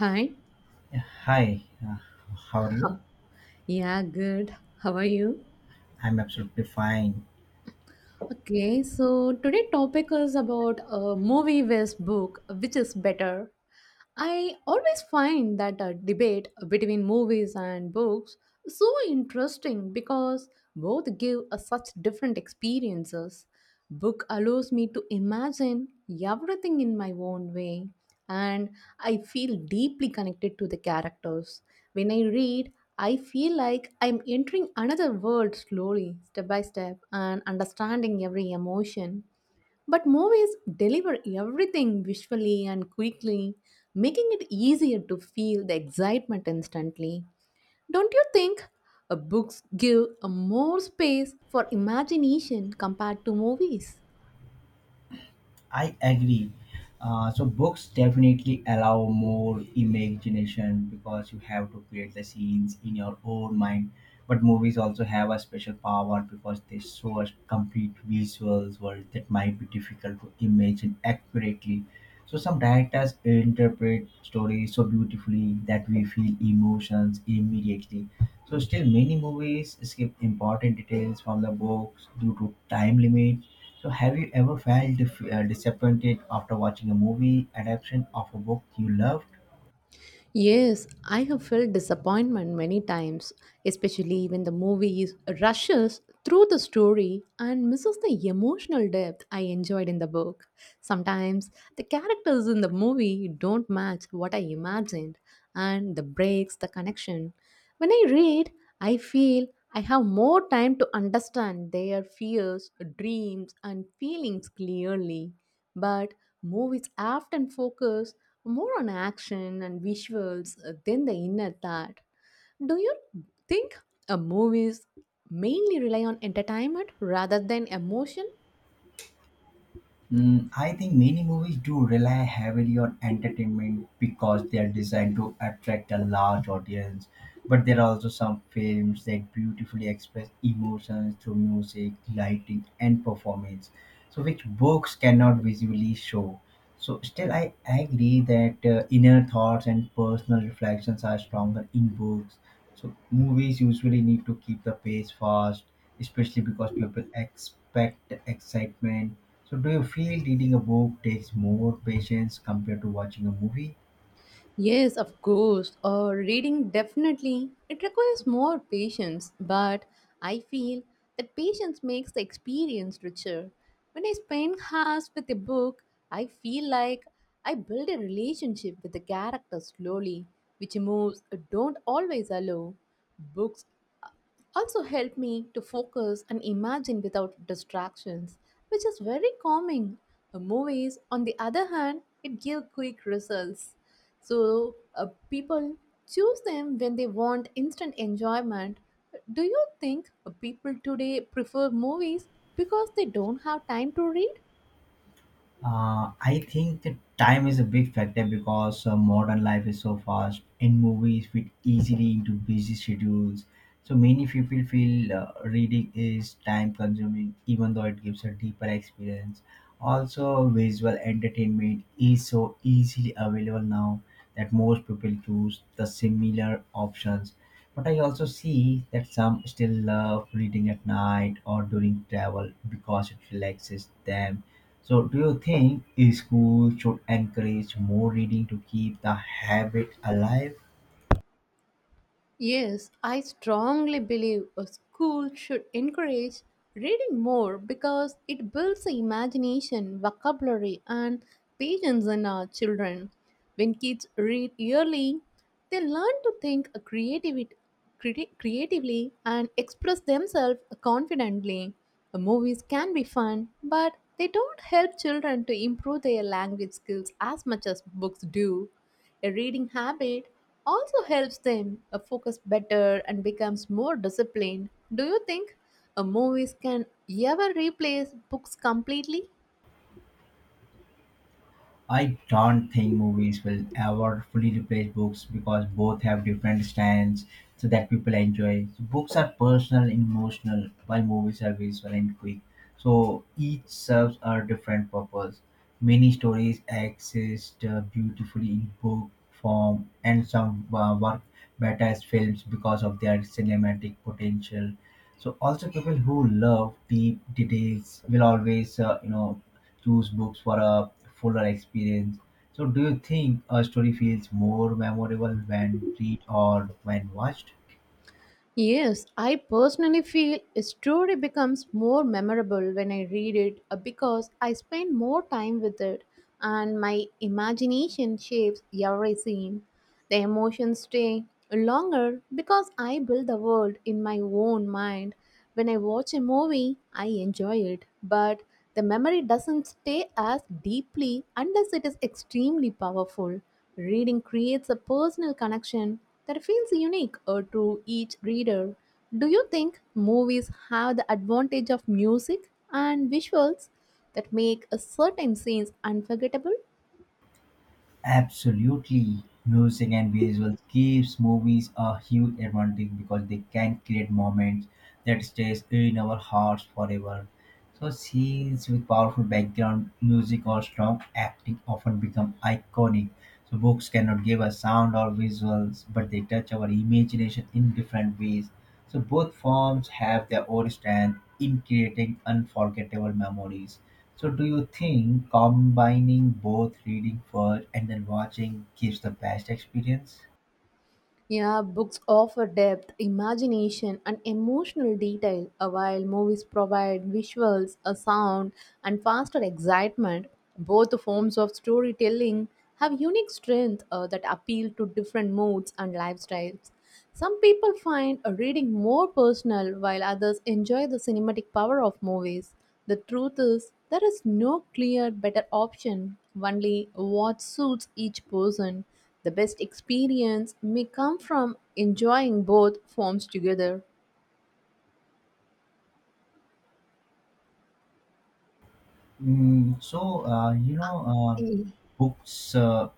Hi. Yeah, hi, uh, how are you? Yeah, good. How are you? I'm absolutely fine. Okay, so today topic is about a movie vs book, which is better. I always find that a debate between movies and books so interesting because both give us such different experiences. Book allows me to imagine everything in my own way, and I feel deeply connected to the characters when I read. I feel like I'm entering another world slowly, step by step, and understanding every emotion. But movies deliver everything visually and quickly, making it easier to feel the excitement instantly. Don't you think books give a more space for imagination compared to movies? I agree. So books definitely allow more imagination because you have to create the scenes in your own mind. But movies also have a special power because they show us complete visuals world that might be difficult to imagine accurately. So some directors interpret stories so beautifully that we feel emotions immediately. So still many movies skip important details from the books due to time limit. So have you ever felt disappointed after watching a movie adaptation of a book you loved? Yes, I have felt disappointment many times, especially when the movie rushes through the story and misses the emotional depth I enjoyed in the book. Sometimes the characters in the movie don't match what I imagined, and the breaks the connection. When I read, I feel I have more time to understand their fears, dreams, and feelings clearly. But movies often focus more on action and visuals than the inner thought. Do you think movies mainly rely on entertainment rather than emotion? I think many movies do rely heavily on entertainment because they are designed to attract a large audience. But there are also some films that beautifully express emotions through music, lighting, and performance, so which books cannot visually show. So, still, I agree that inner thoughts and personal reflections are stronger in books. So, movies usually need to keep the pace fast, especially because people expect excitement. So do you feel reading a book takes more patience compared to watching a movie? Yes, of course. Reading definitely. It requires more patience, but I feel that patience makes the experience richer. When I spend hours with a book, I feel like I build a relationship with the character slowly, which moves don't always allow. Books also help me to focus and imagine without distractions, which is very calming. Movies, on the other hand, it give quick results. So people choose them when they want instant enjoyment. Do you think people today prefer movies because they don't have time to read? I think that time is a big factor because modern life is so fast and movies fit easily into busy schedules. So many people feel reading is time consuming, even though it gives a deeper experience. Also, visual entertainment is so easily available now that most people choose the similar options. But I also see that some still love reading at night or during travel because it relaxes them. So, do you think a school should encourage more reading to keep the habit alive? Yes, I strongly believe a school should encourage reading more because it builds the imagination, vocabulary, and patience in our children. When kids read early, they learn to think creativity, creatively and express themselves confidently. Movies can be fun, but they don't help children to improve their language skills as much as books do. A reading habit also helps them focus better and becomes more disciplined. Do you think movies can ever replace books completely? I don't think movies will ever fully replace books because both have different styles so that people enjoy. So, books are personal and emotional, while movies are visual and quick. So, each serves a different purpose. Many stories exist beautifully in book form, and some work better as films because of their cinematic potential. So also people who love deep details will always choose books for a fuller experience. So do you think a story feels more memorable when read or when watched? Yes, I personally feel a story becomes more memorable when I read it because I spend more time with it and my imagination shapes every scene. The emotions stay longer because I build the world in my own mind. When I watch a movie, I enjoy it, but the memory doesn't stay as deeply unless it is extremely powerful. Reading creates a personal connection that feels unique to each reader. Do you think movies have the advantage of music and visuals that make a certain scenes unforgettable? Absolutely. Music and visuals gives movies a huge advantage because they can create moments that stays in our hearts forever. So scenes with powerful background music or strong acting often become iconic. So books cannot give us sound or visuals, but they touch our imagination in different ways. So both forms have their origin in creating unforgettable memories. So do you think combining both reading first and then watching gives the best experience? Yeah, books offer depth, imagination, and emotional detail, while movies provide visuals, a sound, and faster excitement. Both forms of storytelling have unique strength that appeal to different moods and lifestyles. Some people find a reading more personal while others enjoy the cinematic power of movies. The truth is, there is no clear better option, only what suits each person. The best experience may come from enjoying both forms together. Mm, so uh, you know, uh, books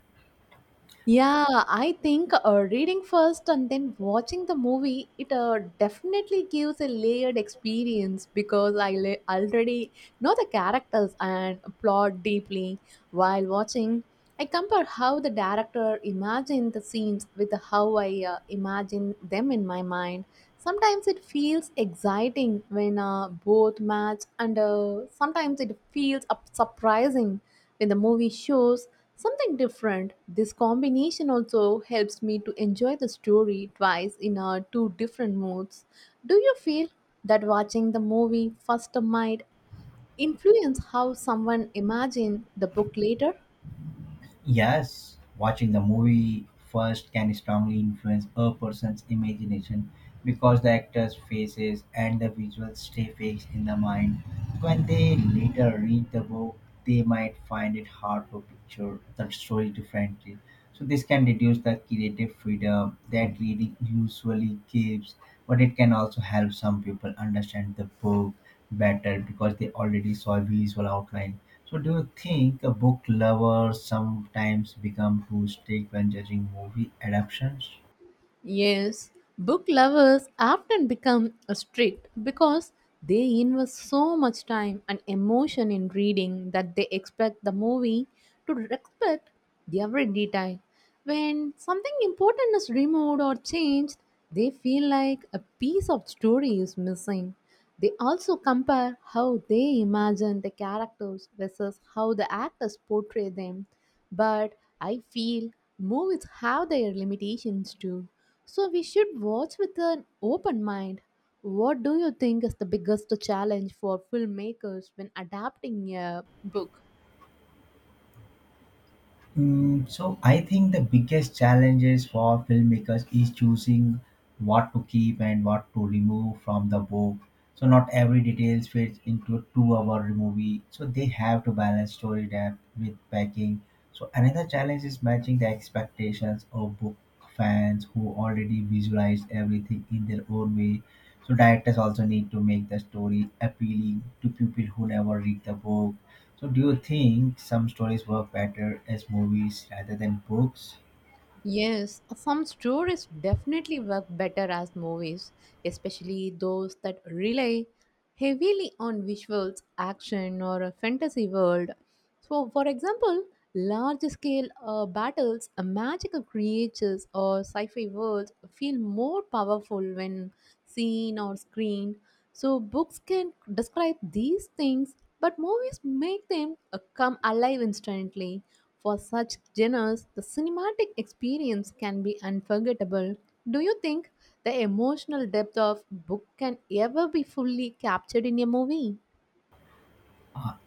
Yeah, I think reading first and then watching the movie, it definitely gives a layered experience because already know the characters and plot deeply. While watching, I compare how the director imagined the scenes with how I imagine them in my mind. Sometimes it feels exciting when both match, and sometimes it feels surprising when the movie shows something different. This combination also helps me to enjoy the story twice in two different moods. Do you feel that watching the movie first might influence how someone imagines the book later? Yes, watching the movie first can strongly influence a person's imagination because the actors' faces and the visuals stay fixed in the mind. When they later read the book, they might find it hard to picture the story differently. So this can reduce the creative freedom that reading usually gives, but it can also help some people understand the book better because they already saw a visual outline. So do you think a book lover sometimes become too strict when judging movie adaptations? Yes, book lovers often become strict because they invest so much time and emotion in reading that they expect the movie to respect every detail. When something important is removed or changed, they feel like a piece of story is missing. They also compare how they imagine the characters versus how the actors portray them. But I feel movies have their limitations too. So we should watch with an open mind. What do you think is the biggest challenge for filmmakers when adapting a book? So I think the biggest challenges for filmmakers is choosing what to keep and what to remove from the book. So not every details fits into a two-hour movie. So they have to balance story depth with packing. So another challenge is matching the expectations of book fans who already visualize everything in their own way. So directors also need to make the story appealing to people who never read the book. So, do you think some stories work better as movies rather than books? Yes, some stories definitely work better as movies, especially those that rely heavily on visuals, action, or a fantasy world. So, for example, large scale battles, magical creatures, or sci fi worlds feel more powerful when seen or screened. So, books can describe these things, but movies make them come alive instantly. For such genres, the cinematic experience can be unforgettable. Do you think the emotional depth of book can ever be fully captured in a movie?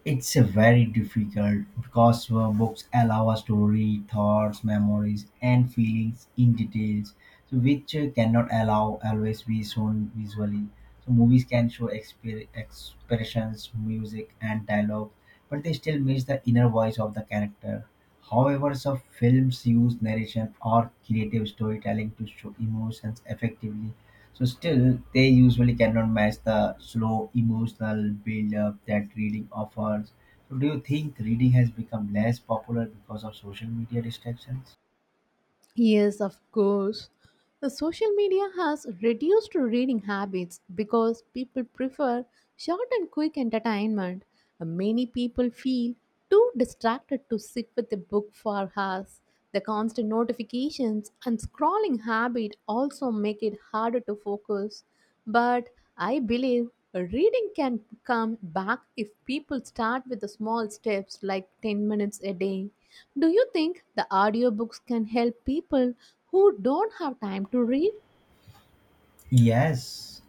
It's a very difficult because books allow us to read thoughts, memories, and feelings in details, so which cannot allow always be shown visually. So, movies can show expressions, music, and dialogue, but they still miss the inner voice of the character. However, some films use narration or creative storytelling to show emotions effectively. So still, they usually cannot match the slow emotional build-up that reading offers. So do you think reading has become less popular because of social media distractions? Yes, of course. The social media has reduced reading habits because people prefer short and quick entertainment. Many people feel too distracted to sit with a book for hours. The constant notifications and scrolling habit also make it harder to focus. But I believe reading can come back if people start with the small steps like 10 minutes a day. Do you think the audiobooks can help people who don't have time to read? Yes,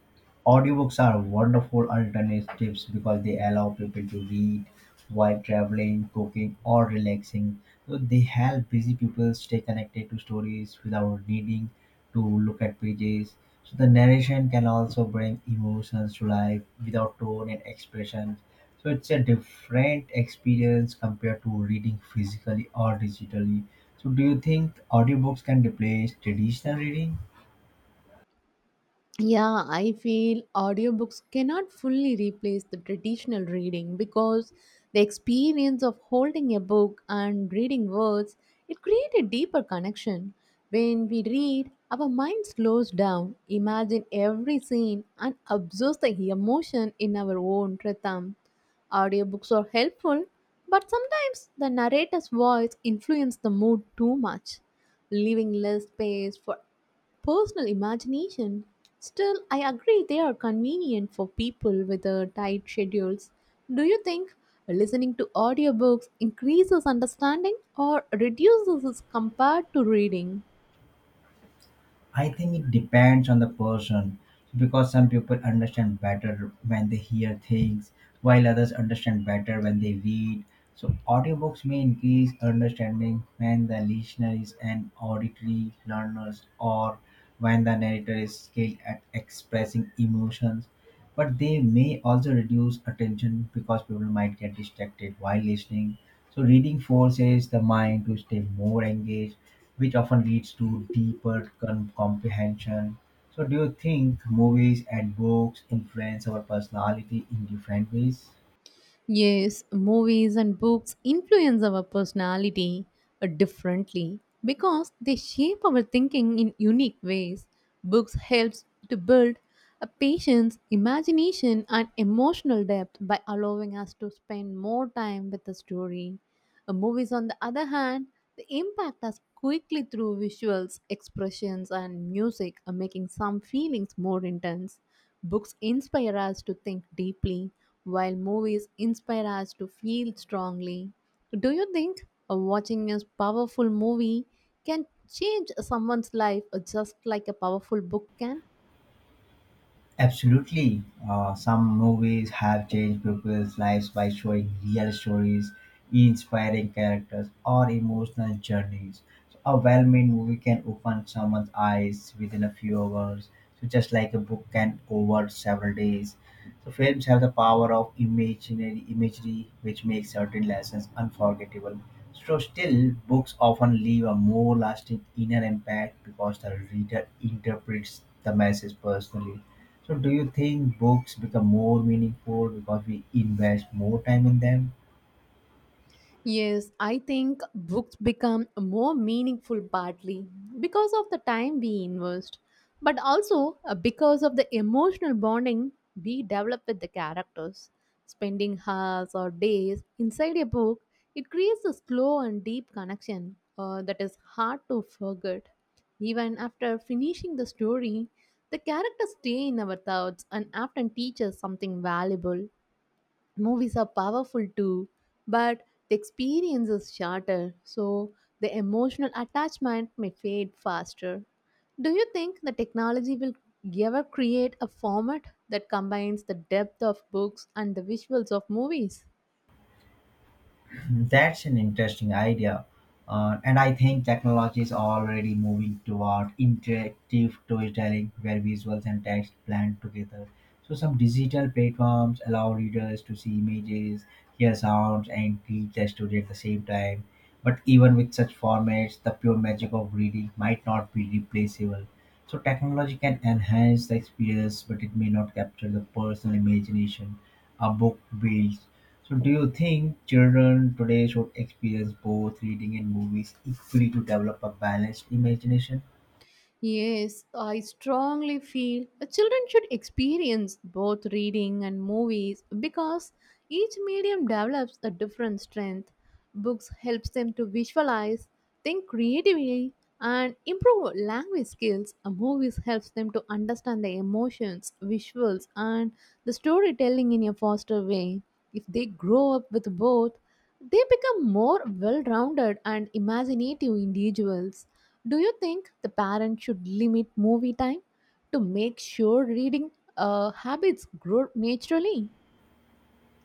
audiobooks are wonderful alternatives because they allow people to read while traveling, cooking, or relaxing. So they help busy people stay connected to stories without needing to look at pages. So the narration can also bring emotions to life without tone and expression. So it's a different experience compared to reading physically or digitally. So do you think audiobooks can replace traditional reading? Yeah, I feel audiobooks cannot fully replace the traditional reading because the experience of holding a book and reading words, it creates a deeper connection. When we read, our mind slows down, imagine every scene and absorbs the emotion in our own rhythm. Audiobooks are helpful, but sometimes the narrator's voice influences the mood too much, leaving less space for personal imagination. Still, I agree they are convenient for people with tight schedules. Do you think listening to audiobooks increases understanding or reduces it compared to reading? I think it depends on the person because some people understand better when they hear things, while others understand better when they read. So, audiobooks may increase understanding when the listener is an auditory learner or when the narrator is skilled at expressing emotions, but they may also reduce attention because people might get distracted while listening. So, reading forces the mind to stay more engaged, which often leads to deeper comprehension. So, do you think movies and books influence our personality in different ways? Yes, movies and books influence our personality differently because they shape our thinking in unique ways. Books helps to build a patience, imagination and emotional depth by allowing us to spend more time with the story. Movies, on the other hand, they impact us quickly through visuals, expressions and music, making some feelings more intense. Books inspire us to think deeply, while movies inspire us to feel strongly. Do you think watching a powerful movie can change someone's life just like a powerful book can? Absolutely. Some movies have changed people's lives by showing real stories, inspiring characters, or emotional journeys. So a well made movie can open someone's eyes within a few hours, so just like a book can over several days. So films have the power of imaginary imagery, which makes certain lessons unforgettable. So still, books often leave a more lasting inner impact because the reader interprets the message personally. So do you think books become more meaningful because we invest more time in them? Yes, I think books become more meaningful partly because of the time we invest, but also because of the emotional bonding we develop with the characters. Spending hours or days inside a book, it creates a slow and deep connection that is hard to forget. Even after finishing the story, the characters stay in our thoughts and often teach us something valuable. Movies are powerful too, but the experience is shorter, so the emotional attachment may fade faster. Do you think the technology will ever create a format that combines the depth of books and the visuals of movies? That's an interesting idea. And I think technology is already moving toward interactive storytelling where visuals and text blend together. So some digital platforms allow readers to see images, hear sounds, and read the story at the same time. But even with such formats, the pure magic of reading might not be replaceable. So technology can enhance the experience, but it may not capture the personal imagination a book builds. So do you think children today should experience both reading and movies equally to develop a balanced imagination? Yes, I strongly feel children should experience both reading and movies because each medium develops a different strength. Books helps them to visualize, think creatively, and improve language skills. And movies helps them to understand the emotions, visuals, and the storytelling in a faster way. If they grow up with both, they become more well rounded and imaginative individuals. Do you think the parent should limit movie time to make sure reading habits grow naturally?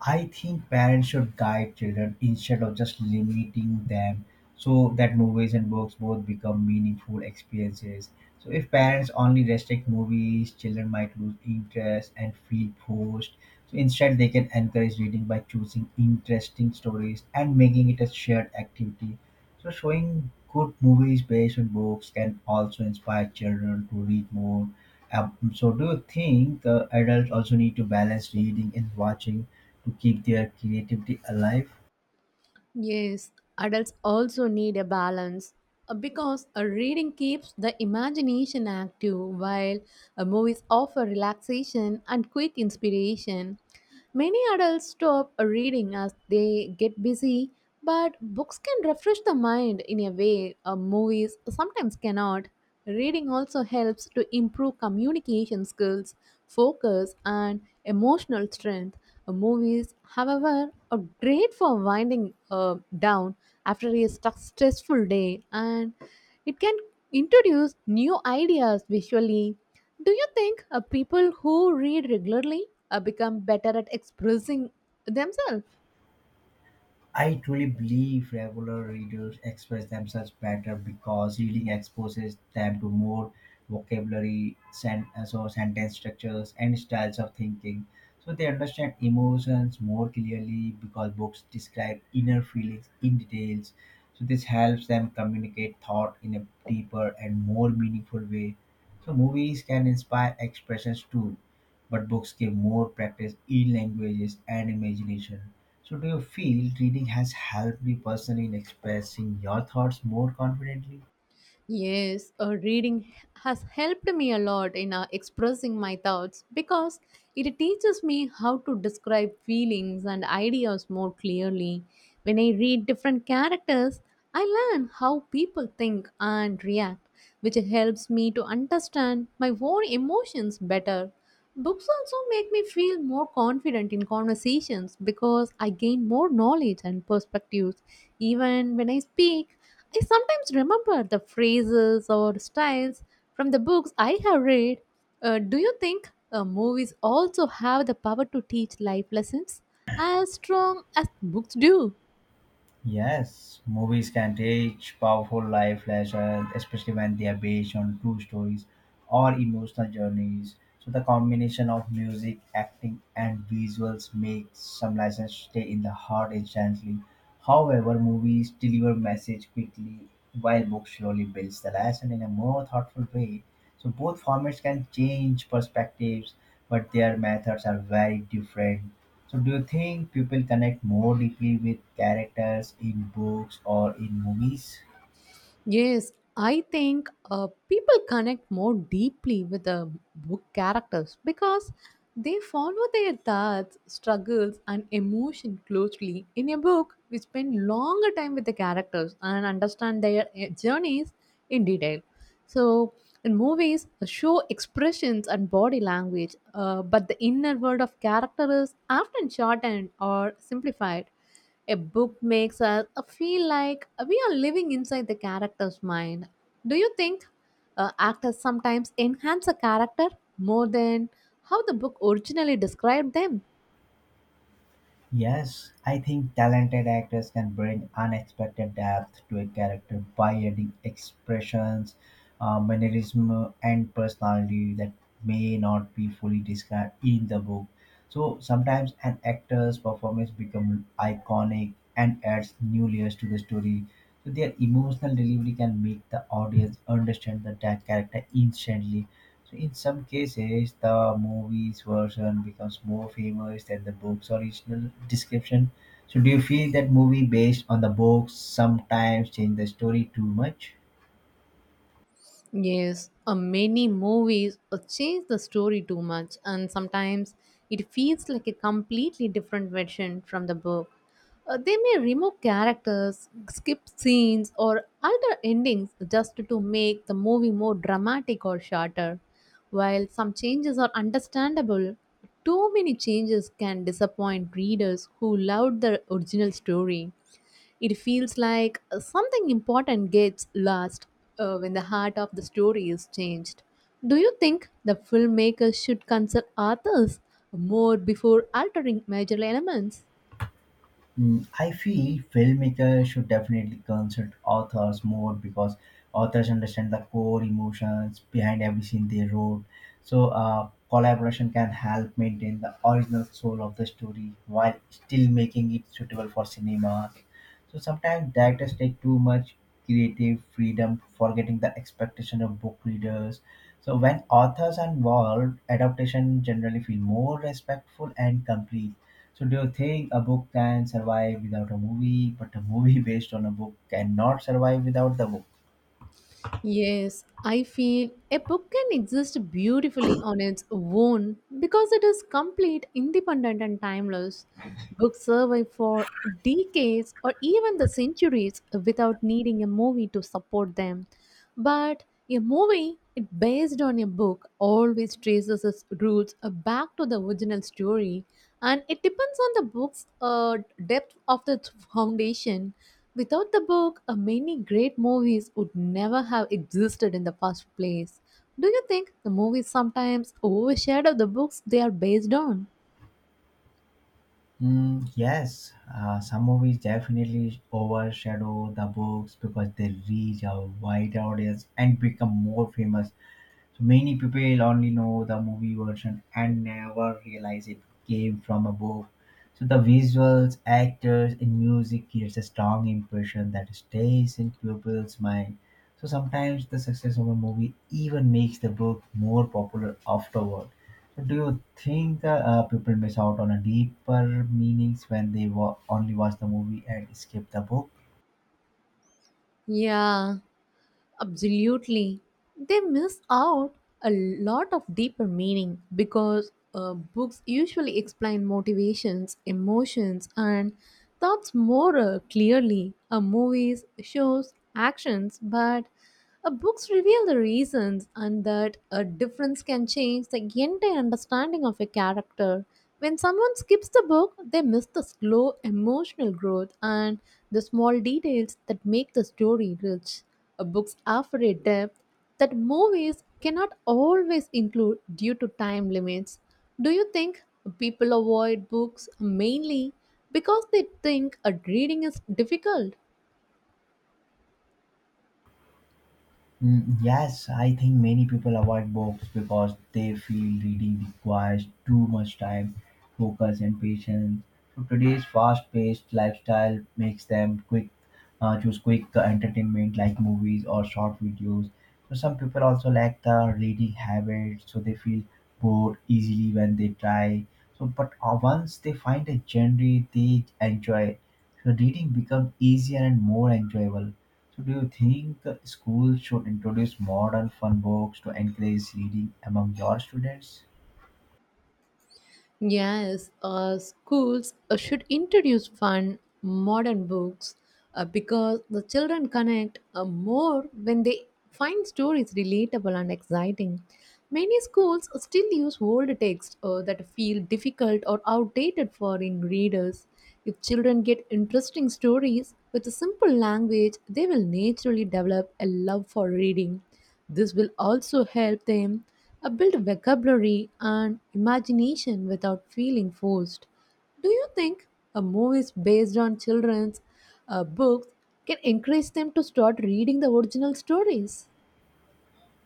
I think parents should guide children instead of just limiting them so that movies and books both become meaningful experiences. So, if parents only restrict movies, children might lose interest and feel forced. So, instead, they can encourage reading by choosing interesting stories and making it a shared activity. So, showing good movies based on books can also inspire children to read more. So, do you think adults also need to balance reading and watching to keep their creativity alive? Yes, adults also need a balance because a reading keeps the imagination active while a movies offer relaxation and quick inspiration. Many adults stop reading as they get busy, but books can refresh the mind in a way movies sometimes cannot. Reading also helps to improve communication skills, focus, and emotional strength. Movies, however, are great for winding down after a stressful day, and it can introduce new ideas visually. Do you think people who read regularly become better at expressing themselves? I truly believe regular readers express themselves better because reading exposes them to more vocabulary, so sentence structures, and styles of thinking. So they understand emotions more clearly because books describe inner feelings in details. So this helps them communicate thought in a deeper and more meaningful way. So movies can inspire expressions too, but books give more practice in languages and imagination. So, do you feel reading has helped you personally in expressing your thoughts more confidently? Yes, reading has helped me a lot in expressing my thoughts because it teaches me how to describe feelings and ideas more clearly. When I read different characters, I learn how people think and react, which helps me to understand my own emotions better. Books also make me feel more confident in conversations because I gain more knowledge and perspectives. Even when I speak, I sometimes remember the phrases or styles from the books I have read. Do you think movies also have the power to teach life lessons as strong as books do? Yes, movies can teach powerful life lessons, especially when they are based on true stories or emotional journeys. So the combination of music, acting, and visuals makes some lessons stay in the heart instantly. However, movies deliver message quickly, while books slowly builds the lesson in a more thoughtful way. So both formats can change perspectives, but their methods are very different. So do you think people connect more deeply with characters in books or in movies? Yes, I think people connect more deeply with the book characters because they follow their thoughts, struggles, and emotion closely. In a book, we spend longer time with the characters and understand their journeys in detail. So, in movies, show expressions and body language, but the inner world of character is often shortened or simplified. A book makes us feel like we are living inside the character's mind. Do you think actors sometimes enhance a character more than how the book originally described them? Yes, I think talented actors can bring unexpected depth to a character by adding expressions, mannerism, and personality that may not be fully described in the book. So sometimes an actor's performance becomes iconic and adds new layers to the story. So their emotional delivery can make the audience understand the that character instantly. So in some cases, the movie's version becomes more famous than the book's original description. So do you feel that movie based on the book sometimes change the story too much? Yes, many movies change the story too much, and sometimes it feels like a completely different version from the book. They may remove characters, skip scenes, or alter endings just to make the movie more dramatic or shorter. While some changes are understandable, too many changes can disappoint readers who loved the original story. It feels like something important gets lost when the heart of the story is changed. Do you think the filmmakers should consult authors more before altering major elements? I feel filmmakers should definitely consult authors more because authors understand the core emotions behind every scene they wrote. So collaboration can help maintain the original soul of the story while still making it suitable for cinemas. So sometimes directors take too much creative freedom, forgetting the expectation of book readers. So when authors are involved, adaptation generally feel more respectful and complete. So do you think a book can survive without a movie, but a movie based on a book cannot survive without the book? Yes, I feel a book can exist beautifully on its own because it is complete, independent, and timeless. Books survive for decades or even the centuries without needing a movie to support them. But a movie it based on a book always traces its roots back to the original story and it depends on the book's depth of the foundation. Without the book, many great movies would never have existed in the first place. Do you think the movies sometimes overshadow the books they are based on? Yes, some movies definitely overshadow the books because they reach a wider audience and become more famous. So many people only know the movie version and never realize it came from a book. So the visuals, actors, and music creates a strong impression that stays in people's mind. So sometimes the success of a movie even makes the book more popular afterward. So do you think the people miss out on a deeper meanings when they only watch the movie and skip the book? Yeah, absolutely. They miss out a lot of deeper meaning because books usually explain motivations, emotions, and thoughts more clearly. Movies shows actions, but books reveal the reasons, and that a difference can change the entire understanding of a character. When someone skips the book, they miss the slow emotional growth and the small details that make the story rich. Books offer a depth that movies cannot always include due to time limits. Do you think people avoid books mainly because they think reading is difficult? Yes, I think many people avoid books because they feel reading requires too much time, focus, and patience. So today's fast-paced lifestyle makes them quick choose quick entertainment like movies or short videos. So some people also lack the reading habit, so they feel bored easily when they try. But once they find a genre they enjoy, so reading becomes easier and more enjoyable. So do you think schools should introduce modern fun books to encourage reading among your students? Yes, schools should introduce fun, modern books because the children connect more when they find stories relatable and exciting. Many schools still use old texts that feel difficult or outdated for in readers. If children get interesting stories with a simple language, they will naturally develop a love for reading. This will also help them build vocabulary and imagination without feeling forced. Do you think a movies based on children's books can encourage them to start reading the original stories?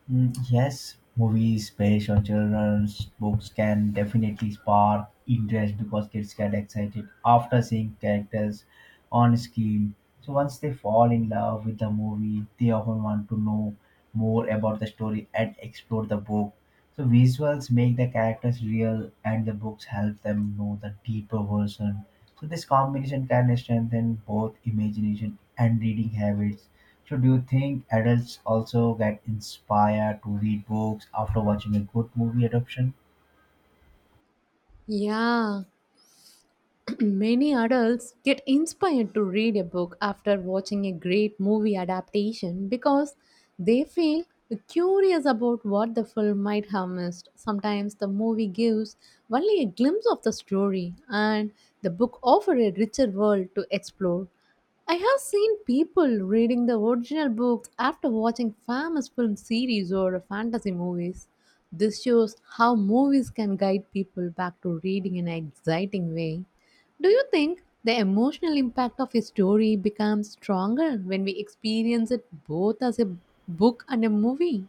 Yes, movies based on children's books can definitely spark interest because kids get excited after seeing characters on screen. So once they fall in love with the movie, they often want to know more about the story and explore the book. So visuals make the characters real, and the books help them know the deeper version. So this combination can strengthen both imagination and reading habits. So do you think adults also get inspired to read books after watching a good movie adaptation? Yeah, many adults get inspired to read a book after watching a great movie adaptation because they feel curious about what the film might have missed. Sometimes the movie gives only a glimpse of the story, and the book offers a richer world to explore. I have seen people reading the original books after watching famous film series or fantasy movies. This shows how movies can guide people back to reading in an exciting way. Do you think the emotional impact of a story becomes stronger when we experience it both as a book and a movie?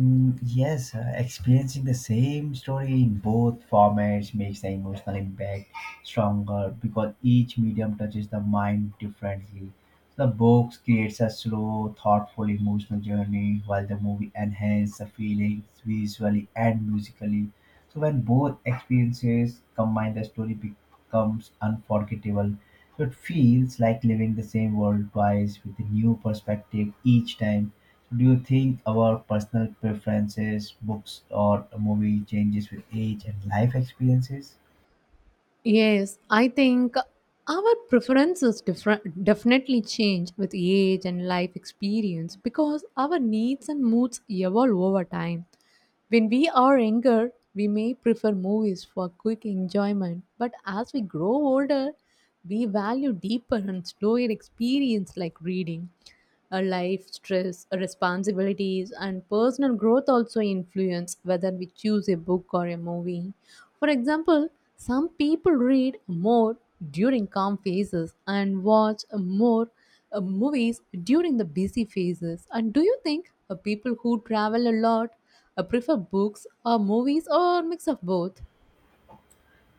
Yes, experiencing the same story in both formats makes the emotional impact stronger because each medium touches the mind differently. The books creates a slow, thoughtful, emotional journey, while the movie enhances the feelings visually and musically. So when both experiences combine, the story becomes unforgettable. So it feels like living the same world twice with a new perspective each time. So do you think our personal preferences, books, or a movie changes with age and life experiences? Yes, I think our preferences different, definitely change with age and life experience because our needs and moods evolve over time. When we are younger, we may prefer movies for quick enjoyment, but as we grow older, we value deeper and slower experience like reading. Our life, stress, our responsibilities, and personal growth also influence whether we choose a book or a movie. For example, some people read more during calm phases and watch more movies during the busy phases. And do you think people who travel a lot I prefer books or movies or mix of both.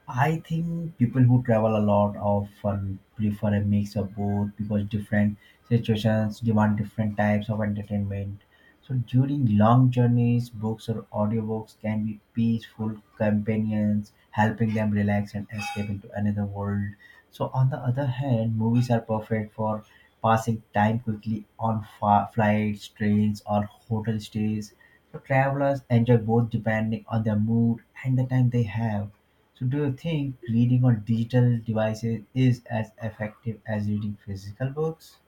I think people who travel a lot often prefer a mix of both because different situations demand different types of entertainment. So during long journeys, books or audiobooks can be peaceful companions, helping them relax and escape into another world. So on the other hand, movies are perfect for passing time quickly on flights, trains, or hotel stays. So travelers enjoy both depending on their mood and the time they have. So do you think reading on digital devices is as effective as reading physical books?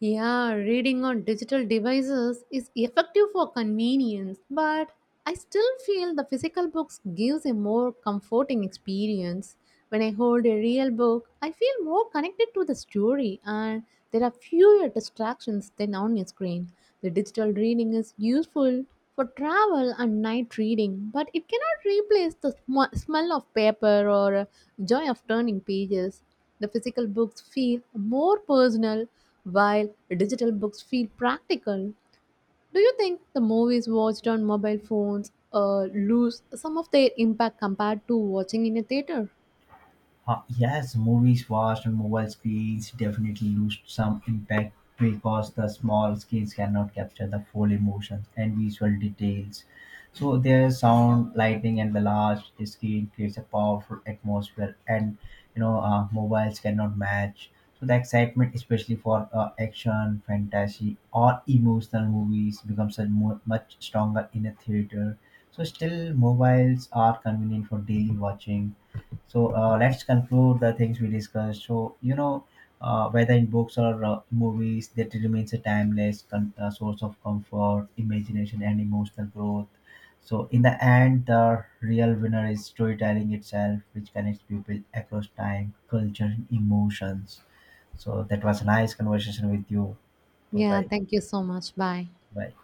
Yeah, reading on digital devices is effective for convenience, but I still feel the physical books gives a more comforting experience. When I hold a real book, I feel more connected to the story and there are fewer distractions than on a screen. The digital reading is useful for travel and night reading, but it cannot replace the smell of paper or joy of turning pages. The physical books feel more personal while digital books feel practical. Do you think the movies watched on mobile phones lose some of their impact compared to watching in a theater? Yes, movies watched on mobile screens definitely lose some impact because the small screens cannot capture the full emotions and visual details. So their sound, lighting, and the large screen creates a powerful atmosphere, and you know mobiles cannot match. So the excitement, especially for action, fantasy, or emotional movies, becomes much stronger in a theater. So still, mobiles are convenient for daily watching. So let's conclude the things we discussed. So you know, whether in books or movies, that remains a timeless source of comfort, imagination, and emotional growth. So in the end, the real winner is storytelling itself, which connects people across time, culture, and emotions. So that was a nice conversation with you. Bye Yeah, bye. thank you so much. Bye. Bye.